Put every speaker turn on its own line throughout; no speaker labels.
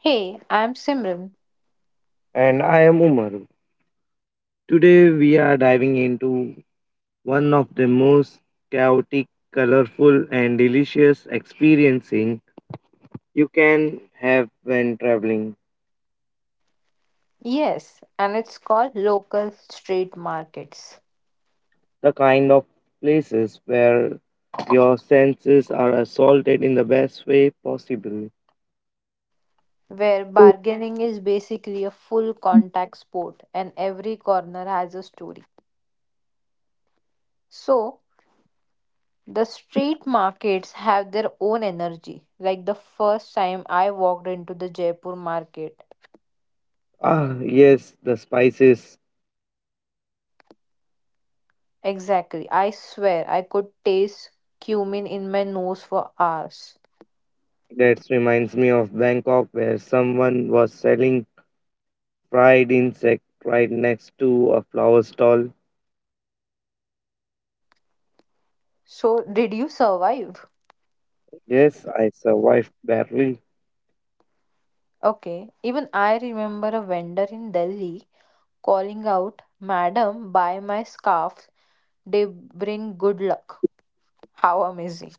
Hey, I'm Simran.
And I am Umaru. Today we are diving into one of the most chaotic, colorful, and delicious experiencing you can have when traveling.
Yes, and it's called local street markets,
The kind of places where your senses are assaulted in the best way possible.
where bargaining is basically a full contact sport and every corner has a story. So, the street markets have their own energy. Like the first time I walked into the Jaipur market.
Ah, yes, the spices.
Exactly, I swear I could taste cumin in my nose for hours.
That reminds me of Bangkok, where someone was selling fried insect right next to a flower stall.
So, did you survive?
Yes, I survived barely.
Okay, even I remember a vendor in Delhi calling out, Madam, buy my scarf, they bring good luck. How amazing!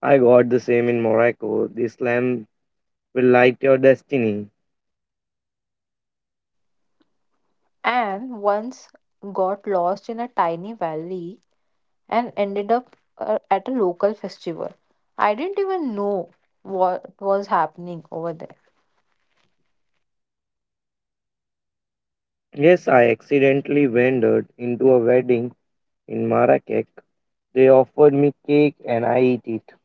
I got the same in Morocco. This lamp will light your destiny.
And once got lost in a tiny valley and ended up at a local festival. I didn't even know what was happening over there.
Yes, I accidentally wandered into a wedding in Marrakech. They offered me cake and I ate it.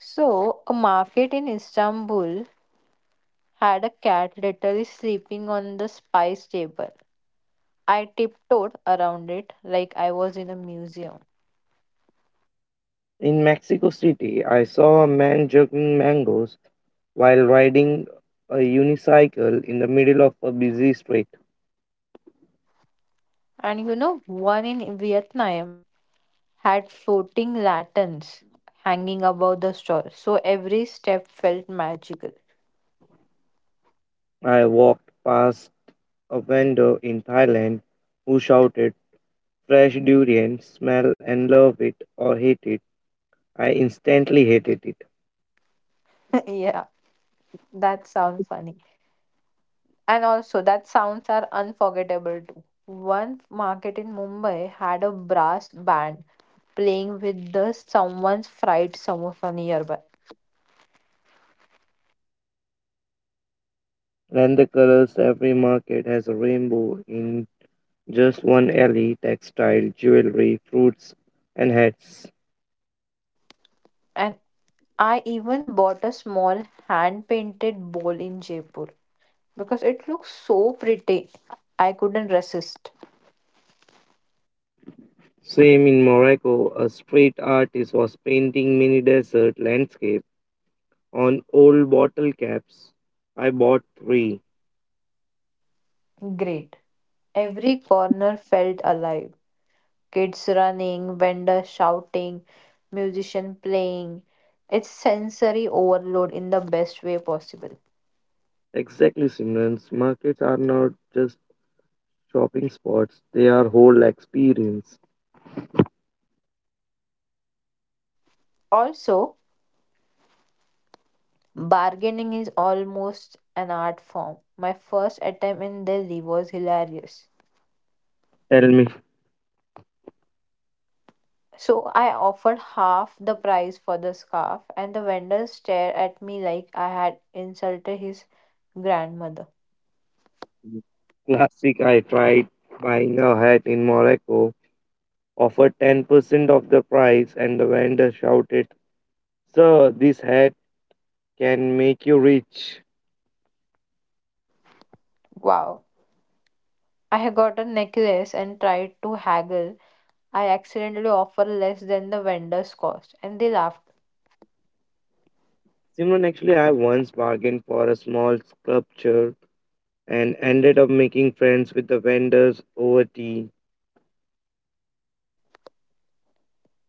So, a market in Istanbul had a cat literally sleeping on the spice table. I tiptoed around it like I was in a museum.
In Mexico City, I saw a man juggling mangoes while riding a unicycle in the middle of a busy street.
And you know, one in Vietnam had floating lanterns hanging above the store, so every step felt magical.
I walked past a vendor in Thailand who shouted, "Fresh durian, smell and love it or hate it." I instantly hated it.
yeah, that sounds funny. And also, that sounds are unforgettable too. One market in Mumbai had a brass band playing with the someone's fried samosa nearby.
And the colors, every market has a rainbow in just one alley: textile, jewelry, fruits, and hats.
And I even bought a small hand painted bowl in Jaipur because it looks so pretty. I couldn't resist.
Same in Morocco, a street artist was painting mini desert landscape on old bottle caps. I bought three.
Great. Every corner felt alive. Kids running, vendors shouting, musician playing. It's sensory overload in the best way possible.
Exactly, Simrans. Markets are not just shopping spots, they are whole experience.
Also, bargaining is almost an art form. My first attempt in Delhi was hilarious.
Tell me.
So I offered half the price for the scarf, and the vendor stared at me like I had insulted his grandmother.
Classic. I tried buying a hat in Morocco, offered 10% of the price, and the vendor shouted, "Sir, this hat can make you rich."
Wow. I had got a necklace and tried to haggle. I accidentally offer less than the vendor's cost. And they laughed.
Simon, actually, I once bargained for a small sculpture and ended up making friends with the vendors over tea.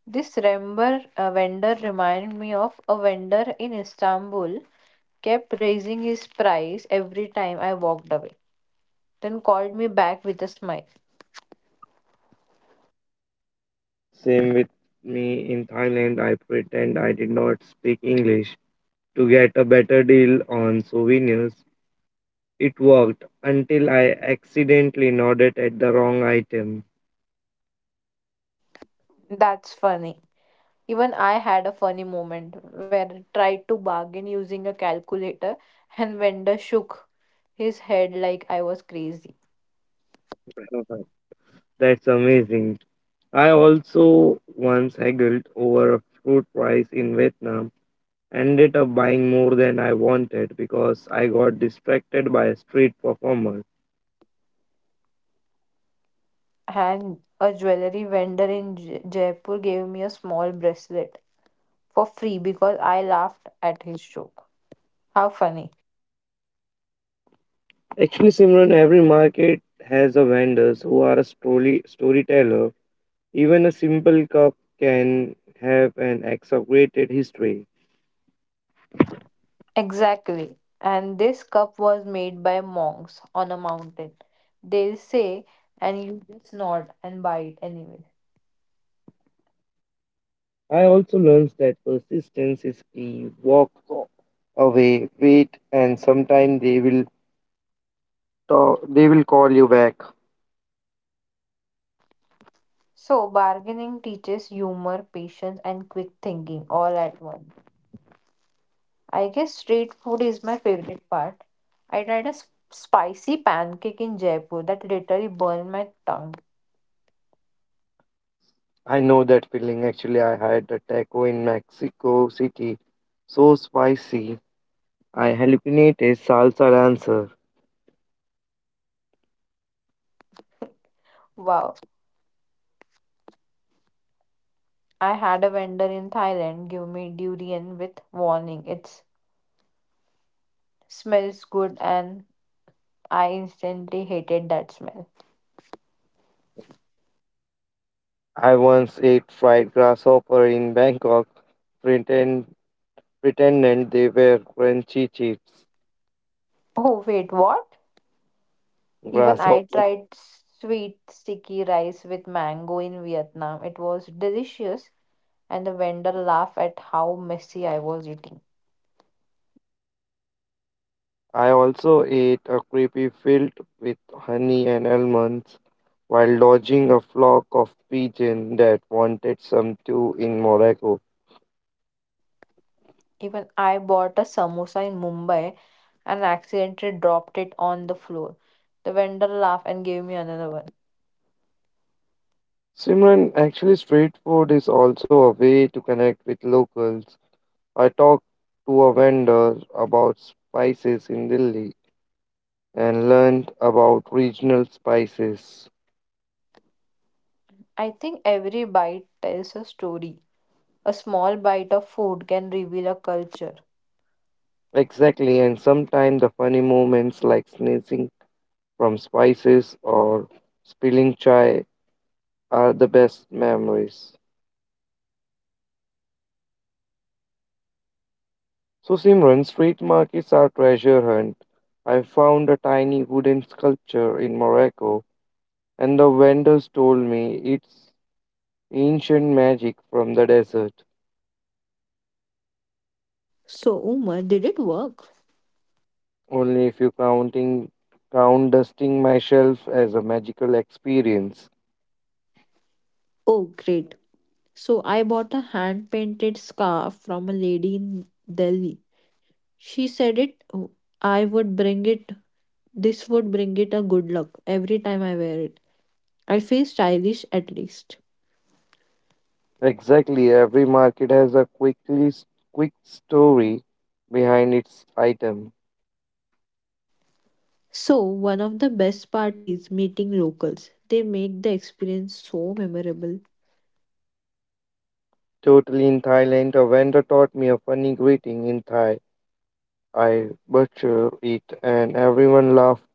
This remember vendor reminded me of a vendor in Istanbul kept raising his price every time I walked away, then called me back with a smile.
Same with me in Thailand, I pretend I did not speak English to get a better deal on souvenirs. It worked until I accidentally nodded at the wrong item.
That's funny. Even I had a funny moment where I tried to bargain using a calculator and vendor shook his head like I was crazy.
That's amazing. I also once haggled over a fruit price in Vietnam, ended up buying more than I wanted because I got distracted by a street performer.
And a jewelry vendor in Jaipur gave me a small bracelet for free because I laughed at his joke. How funny.
Actually, Simran, every market has a vendors who are a storyteller. Even a simple cup can have an exaggerated history.
Exactly. And this cup was made by monks on a mountain. They'll say, and you just nod and buy it anyway.
I also learned that persistence is key. Walk away, wait, and sometime they will call you back.
So, bargaining teaches humor, patience, and quick thinking all at once. I guess street food is my favorite part. I tried a spicy pancake in Jaipur that literally burned my tongue.
I know that feeling. Actually, I had a taco in Mexico City, so spicy. I hallucinated salsa dancer.
Wow. I had a vendor in Thailand give me durian with warning. It's smells good, and I instantly hated that smell.
I once ate fried grasshopper in Bangkok, pretend, pretending they were crunchy chips.
Oh, wait, what? Even I
Grasshopper.
tried sweet sticky rice with mango in Vietnam. It was delicious, and the vendor laughed at how messy I was eating.
I also ate a creepy filled with honey and almonds while lodging a flock of pigeons that wanted some too in Morocco.
Even I bought a samosa in Mumbai and accidentally dropped it on the floor. The vendor laughed and gave me another one.
Simran, actually, street food is also a way to connect with locals. I talked to a vendor about spices in Delhi and learned about regional spices.
I think every bite tells a story. A small bite of food can reveal a culture.
Exactly, and sometimes the funny moments like sneezing from spices or spilling chai are the best memories. So, Simran, street markets are treasure hunt. I found a tiny wooden sculpture in Morocco, and the vendors told me it's ancient magic from the desert.
So, Umar, did it work?
Only if you count dusting my shelf as a magical experience.
Oh, great. So I bought a hand painted scarf from a lady in Delhi. She said it, oh, I would bring it, this would bring it a good luck every time I wear it. I feel stylish at least.
Exactly, every market has a quick story behind its item.
So, one of the best part is meeting locals. They make the experience so memorable.
Totally in Thailand, a vendor taught me a funny greeting in Thai. I butchered it and everyone laughed,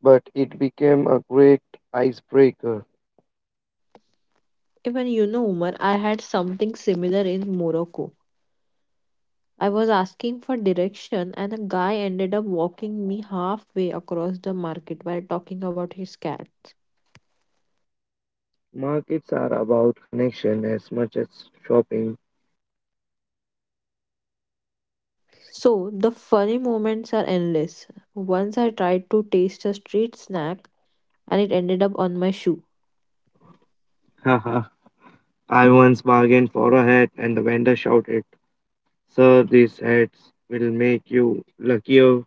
but it became a great icebreaker.
Even you know, Umar, I had something similar in Morocco. I was asking for direction, and a guy ended up walking me halfway across the market while talking about his cat.
Markets are about connection as much as shopping.
So the funny moments are endless. Once I tried to taste a street snack and it ended up on my shoe.
Haha, I once bargained for a hat and the vendor shouted, "Sir, these hats will make you luckier."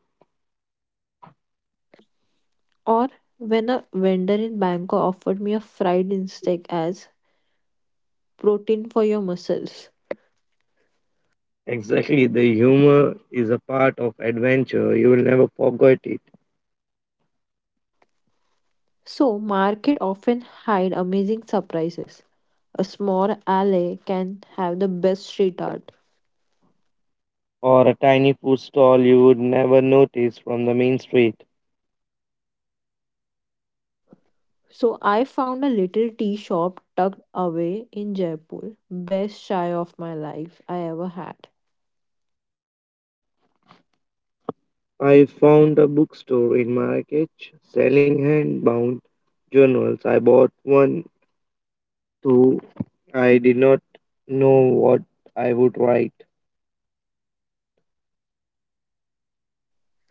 Or when a vendor in Bangkok offered me a fried insect as protein for your muscles.
Exactly, the humor is a part of adventure. You will never forget it.
So market often hide amazing surprises. A small alley can have the best street art.
Or a tiny food stall you would never notice from the main street.
So I found a little tea shop tucked away in Jaipur, best chai of my life I ever had.
I found a bookstore in Marrakech selling handbound journals. I bought one too. I did not know what I would write.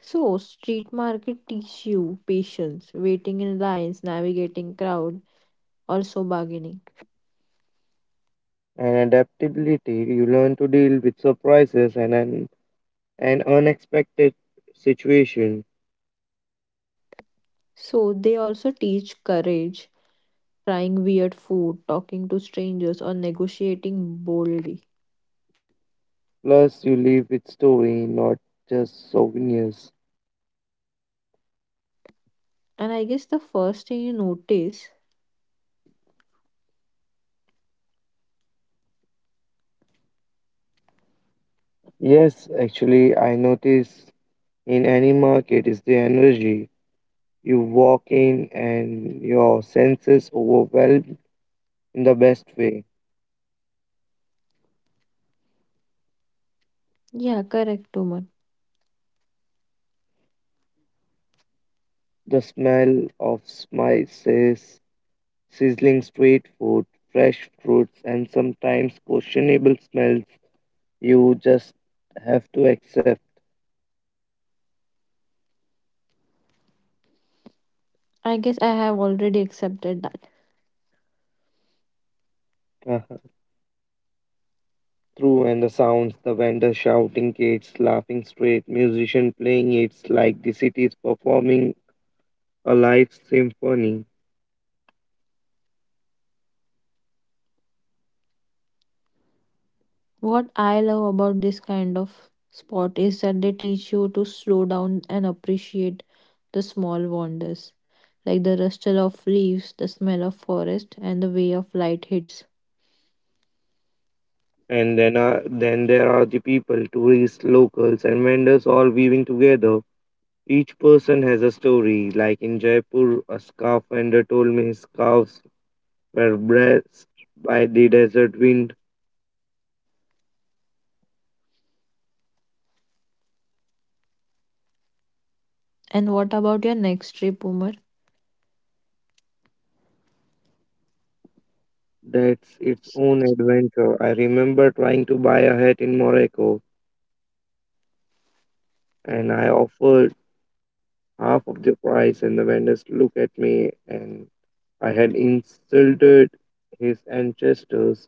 So, street market teach you patience, waiting in lines, navigating crowd, also bargaining.
And adaptability, you learn to deal with surprises and an unexpected situation.
So, they also teach courage, trying weird food, talking to strangers, or negotiating boldly.
Plus, you live with story, not just souvenirs.
And I guess the first thing you notice,
Yes, actually, I notice in any market is the energy. You walk in and your senses overwhelmed in the best way.
yeah, correct, Tuman.
The smell of spices, sizzling street food, fresh fruits, and sometimes questionable smells you just have to accept.
I guess I have already accepted that.
Uh-huh. Through and the sounds, the vendor shouting, kids laughing straight, musician playing. It's like the city is performing a live symphony.
What I love about this kind of sport is that they teach you to slow down and appreciate the small wonders, like the rustle of leaves, the smell of forest, and the way of light hits.
And then there are the people, tourists, locals, and vendors all weaving together. Each person has a story. Like in Jaipur, a scarf vendor told me his scarves were blessed by the desert wind.
And what about your next trip, Umar?
That's its own adventure. I remember trying to buy a hat in Morocco, and I offered half of the price, and the vendors looked at me, and I had insulted his ancestors.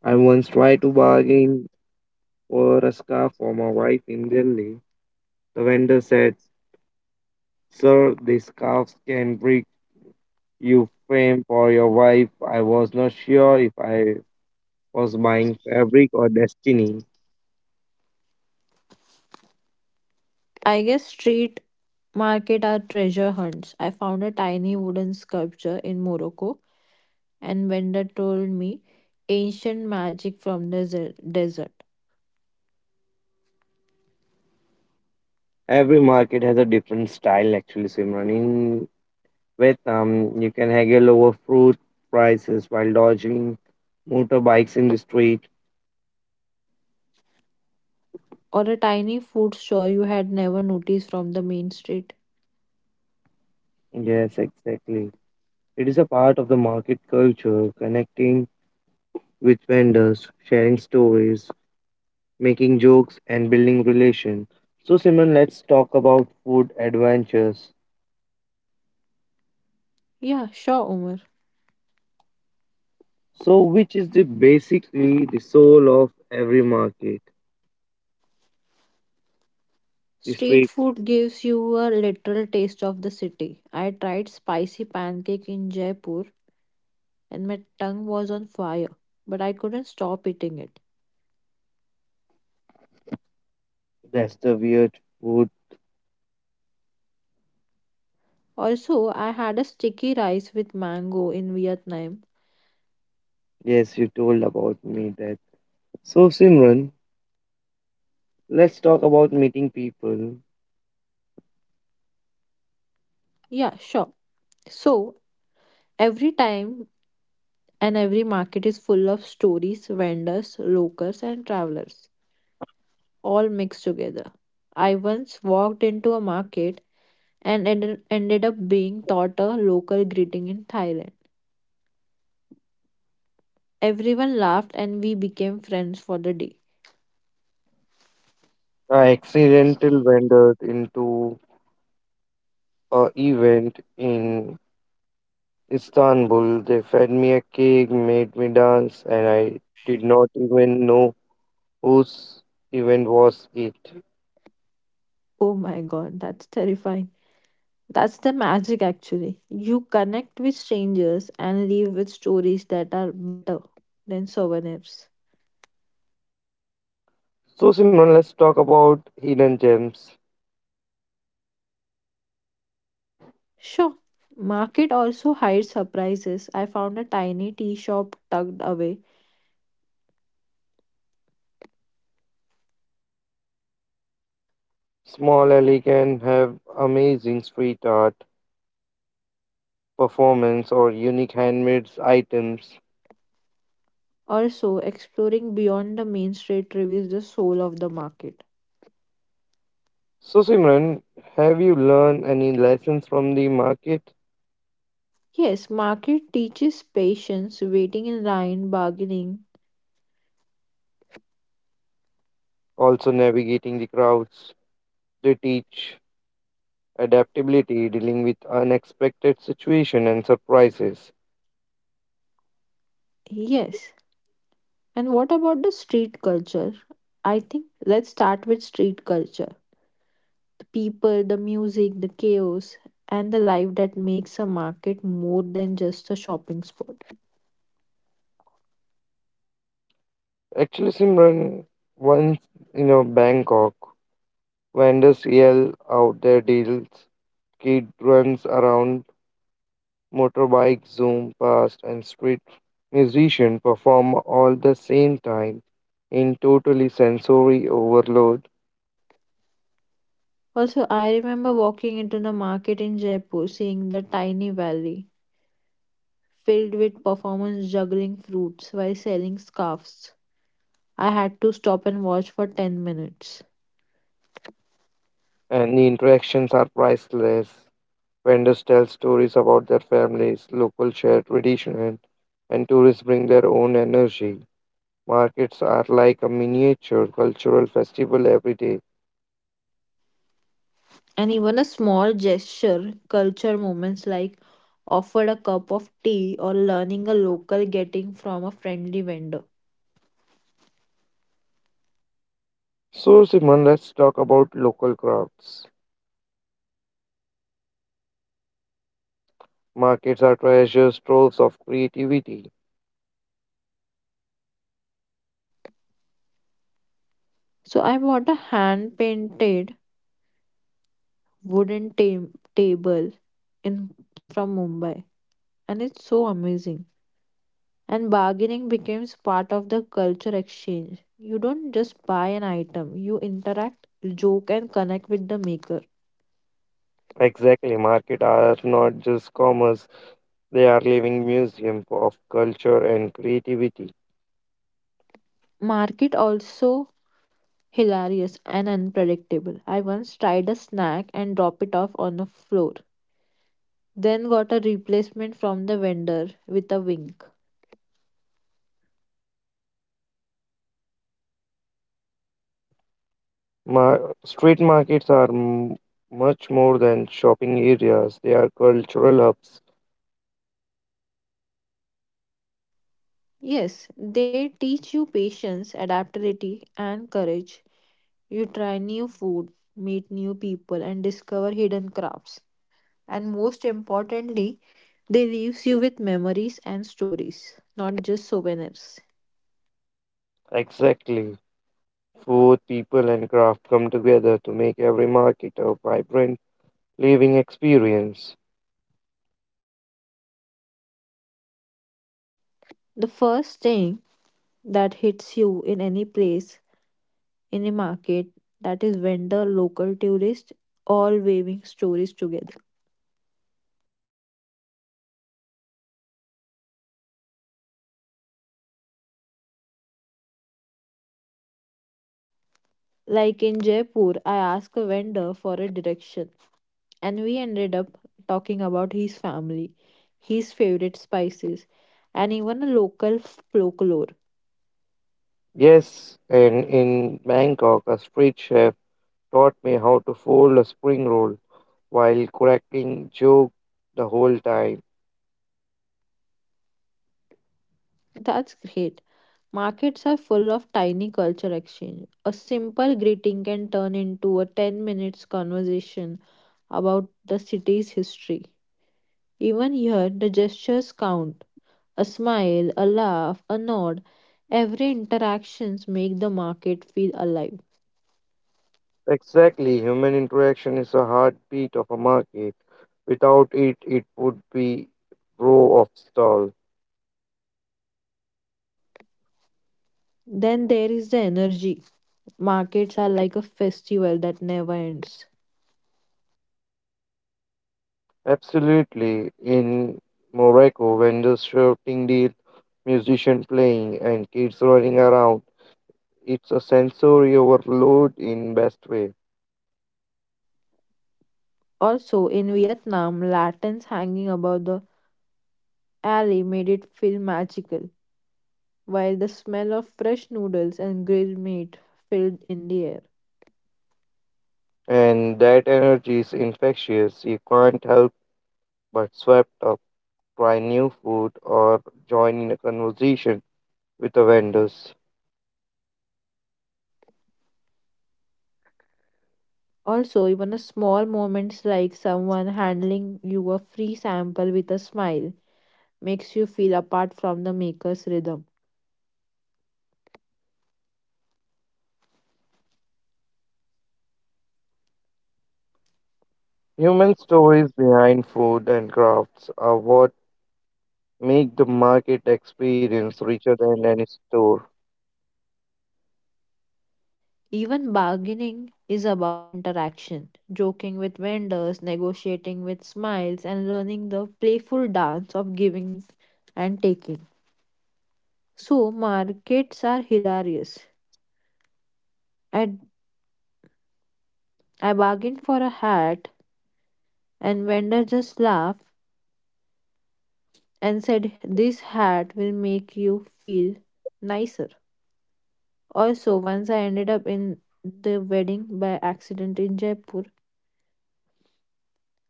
I once tried to bargain for a scarf for my wife in Delhi. The vendor said, "Sir, these scarves can bring you fame for your wife." I was not sure if I was buying fabric or destiny.
I guess street market are treasure hunts. I found a tiny wooden sculpture in Morocco, and vendor told me ancient magic from the desert, desert,
Every market has a different style, actually, Simran. In Vietnam, you can haggle over fruit prices while dodging motorbikes in the street.
or a tiny food store you had never noticed from the main street.
Yes, exactly. It is a part of the market culture, connecting with vendors, sharing stories, making jokes and building relation. So Simon, let's talk about food adventures.
Yeah, sure, Umar.
So which is the basically the soul of every market? The
Street
street,
food gives you a literal taste of the city. I tried spicy pancake in Jaipur and my tongue was on fire, but I couldn't stop eating it.
that's the weird food.
Also, I had a sticky rice with mango in Vietnam.
Yes, you told about me that. So Simran, let's talk about meeting people.
Yeah, sure. So, every time and every market is full of stories, vendors, locals, and travelers, all mixed together. I once walked into a market and ended up being taught a local greeting in Thailand. Everyone laughed and we became friends for the day.
I accidental wandered into a event in Istanbul. They fed me a cake, made me dance, and I did not even know whose event was it?
Oh my god, that's terrifying. That's the magic actually. You connect with strangers and leave with stories that are better than souvenirs.
So, Simran, let's talk about hidden gems.
Sure. Market also hides surprises. I found a tiny tea shop tucked away.
Small alley can have amazing street art, performance, or unique handmade items.
Also, exploring beyond the main street reveals the soul of the market.
So, Simran, have you learned any lessons from the market?
Yes, market teaches patience, waiting in line, bargaining.
Also, navigating the crowds. They teach adaptability, dealing with unexpected situations and surprises.
Yes. And what about the street culture? I think let's start with street culture. The people, the music, the chaos, and the life that makes a market more than just a shopping spot.
Actually, Simran, once in a Bangkok, vendors yell out their deals, kid runs around, motorbikes zoom past, and street musicians perform all the same time in totally sensory overload,
Also, I remember walking into the market in Jaipur, seeing the tiny valley filled with performers juggling fruits while selling scarves. I had to stop and watch for 10 minutes.
and the interactions are priceless. Vendors tell stories about their families, local shared tradition, and tourists bring their own energy. Markets are like a miniature cultural festival every day.
And even a small gesture, culture moments like offered a cup of tea or learning a local getting from a friendly vendor.
So, Simon, let's talk about local crafts. Markets are treasure troves of creativity.
So I bought a hand painted wooden table in from Mumbai and it's so amazing. And bargaining becomes part of the culture exchange. You don't just buy an item, you interact, joke and connect with the maker.
Exactly, market are not just commerce, they are living museum of culture and creativity.
Market also hilarious and unpredictable. I once tried a snack and dropped it off on the floor, then got a replacement from the vendor with a wink.
Mar- street markets are m- much more than shopping areas, they are cultural hubs.
Yes, they teach you patience, adaptability, and courage. You try new food, meet new people, and discover hidden crafts. And most importantly, they leaves you with memories and stories, not just souvenirs.
Exactly. Food, people, and craft come together to make every market a vibrant living experience.
The first thing that hits you in any place in a market that is vendor, local tourists, all waving stories together. Like in Jaipur, I asked a vendor for a direction, and we ended up talking about his family, his favorite spices, and even a local folklore.
Yes, and in Bangkok, a street chef taught me how to fold a spring roll while cracking joke the whole time.
That's great. Markets are full of tiny culture exchange. A simple greeting can turn into a 10 minutes conversation about the city's history. Even here, the gestures count. A smile, a laugh, a nod. Every interactions make the market feel alive.
Exactly, human interaction is a heartbeat of a market. Without it, it would be row of stall.
Then there is the energy. Markets are like a festival that never ends.
Absolutely. In Morocco, vendors shouting deal, musician playing, and kids running around. It's a sensory overload in best way.
Also, in Vietnam, lanterns hanging above the alley made it feel magical, while the smell of fresh noodles and grilled meat filled in the air.
And that energy is infectious. You can't help but swept up, try new food, or join in a conversation with the vendors.
Also, even a small moments like someone handling you a free sample with a smile makes you feel apart from the maker's rhythm.
Human stories behind food and crafts are what make the market experience richer than any store.
Even bargaining is about interaction, joking with vendors, negotiating with smiles, and learning the playful dance of giving and taking. So, markets are hilarious. I, I bargained for a hat, and vendor just laughed and said, This hat will make you feel nicer. Also, once I ended up in the wedding by accident in Jaipur,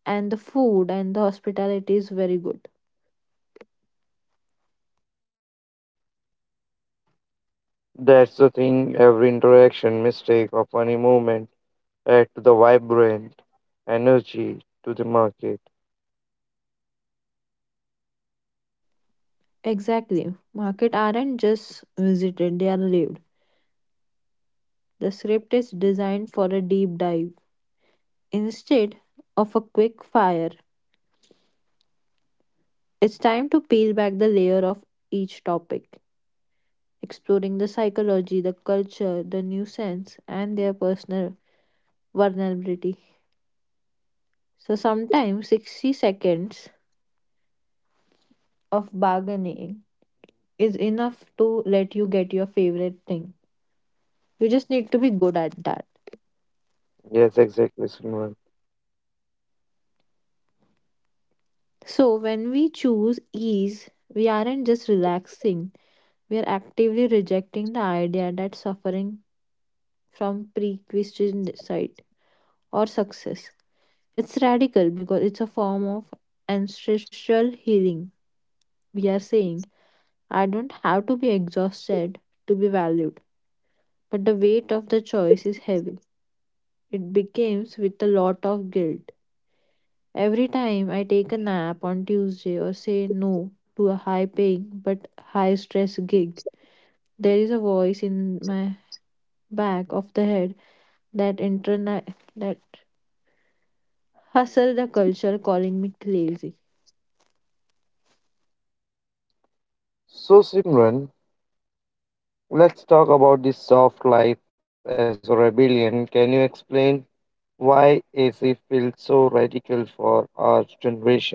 and the food and the hospitality is very good.
That's the thing, every interaction, mistake, or funny moment add to the vibrant energy to the market.
Exactly. Market aren't just visited, they are lived. The script is designed for a deep dive. Instead of a quick fire, it's time to peel back the layer of each topic, exploring the psychology, the culture, the nuisance, and their personal vulnerability. So sometimes 60 seconds of bargaining is enough to let you get your favorite thing. You just need to be good at that.
Yes, exactly, Simran.
So, when we choose ease, we aren't just relaxing, we are actively rejecting the idea that suffering from prerequisite or success. It's radical because it's a form of ancestral healing. We are saying, I don't have to be exhausted to be valued, but the weight of the choice is heavy. It becomes with a lot of guilt. Every time I take a nap on Tuesday or say no to a high paying but high stress gig, there is a voice in my back of the head that that hustle the culture calling me lazy.
So, Simran, let's talk about this soft life as a rebellion. Can you explain why AC feels so radical for our generation?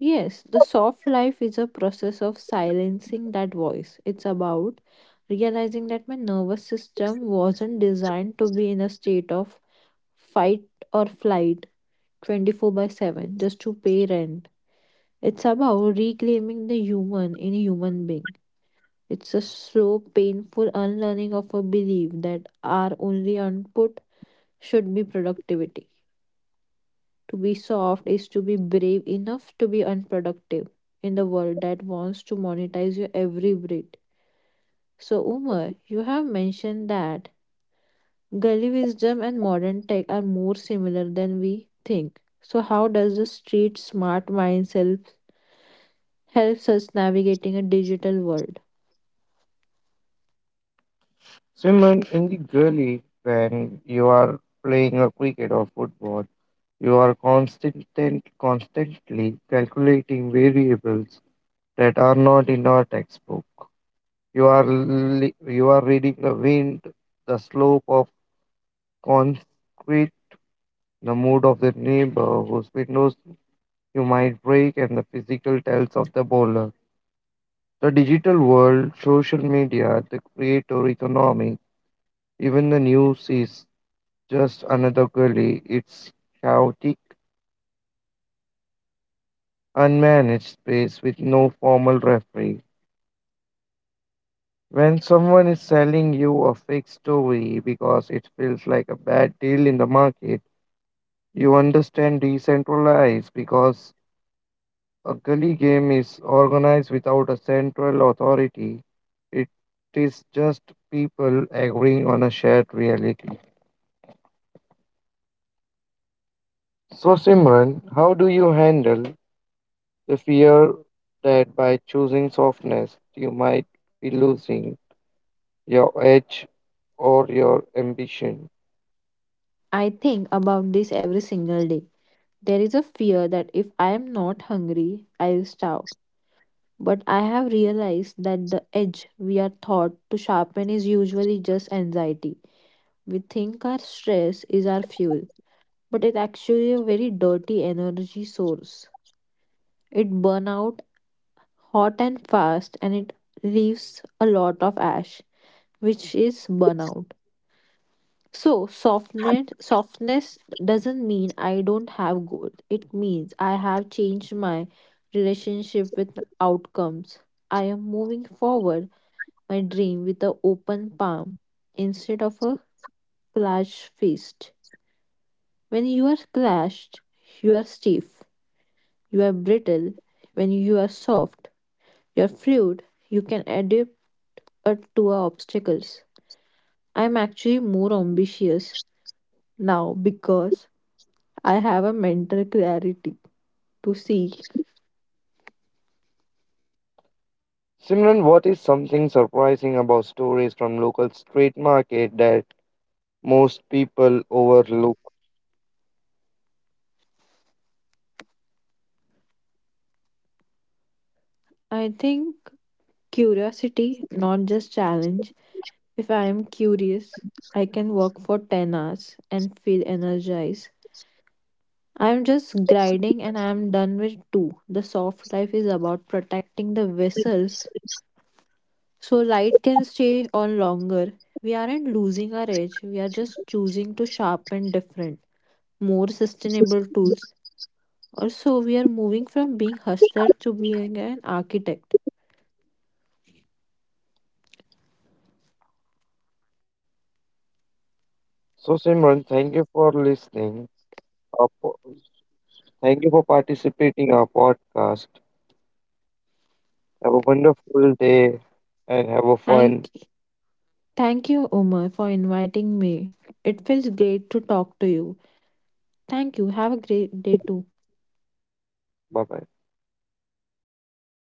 Yes, the soft life is a process of silencing that voice. It's about realizing that my nervous system wasn't designed to be in a state of fight or flight 24 by 7 just to pay rent. It's about reclaiming the human in a human being. It's a slow, painful unlearning of a belief that our only output should be productivity. To be soft is to be brave enough to be unproductive in the world that wants to monetize your every breath. So, Umar, you have mentioned that gully wisdom and modern tech are more similar than we think. So, how does the street smart mindset helps us navigating a digital world?
Simon, in the gully, when you are playing a cricket or football, you are constantly calculating variables that are not in our textbook. You are li- you are reading the wind, the slope of concrete, the mood of the neighbor whose windows you might break, and the physical tells of the bowler. The digital world, social media, the creator economy, even the news is just another gully. It's chaotic, unmanaged space with no formal referee. When someone is selling you a fake story because it feels like a bad deal in the market, you understand decentralized because a gully game is organized without a central authority. It is just people agreeing on a shared reality. So, Simran, how do you handle they fear that by choosing softness, you might be losing your edge or your ambition.
I think about this every single day. There is a fear that if I am not hungry, I'll starve. But I have realized that the edge we are taught to sharpen is usually just anxiety. We think our stress is our fuel, but it's actually a very dirty energy source. It burns out hot and fast and it leaves a lot of ash, which is burnout. So softness doesn't mean I don't have goals. It means I have changed my relationship with outcomes. I am moving forward my dream with an open palm instead of a clenched fist. When you are clenched, you are stiff, you are brittle. When you are soft, you are fluid, you can adapt to our obstacles. I'm actually more ambitious now because I have a mental clarity to see.
Simran, what is something surprising about stories from local street market that most people overlook?
I think curiosity, not just challenge. If I am curious, I can work for 10 hours and feel energized. I'm just grinding and I'm done with two. The soft life is about protecting the vessels so light can stay on longer. We aren't losing our edge, we are just choosing to sharpen different, more sustainable tools. Also, we are moving from being hustler to being an architect.
So, Simran, thank you for listening. Our po- Thank you for participating in our podcast. Have a wonderful day and have a fun.
Thank, thank you, Omar, for inviting me. It feels great to talk to you. Thank you. Have a great day too.
Bye bye.
Bye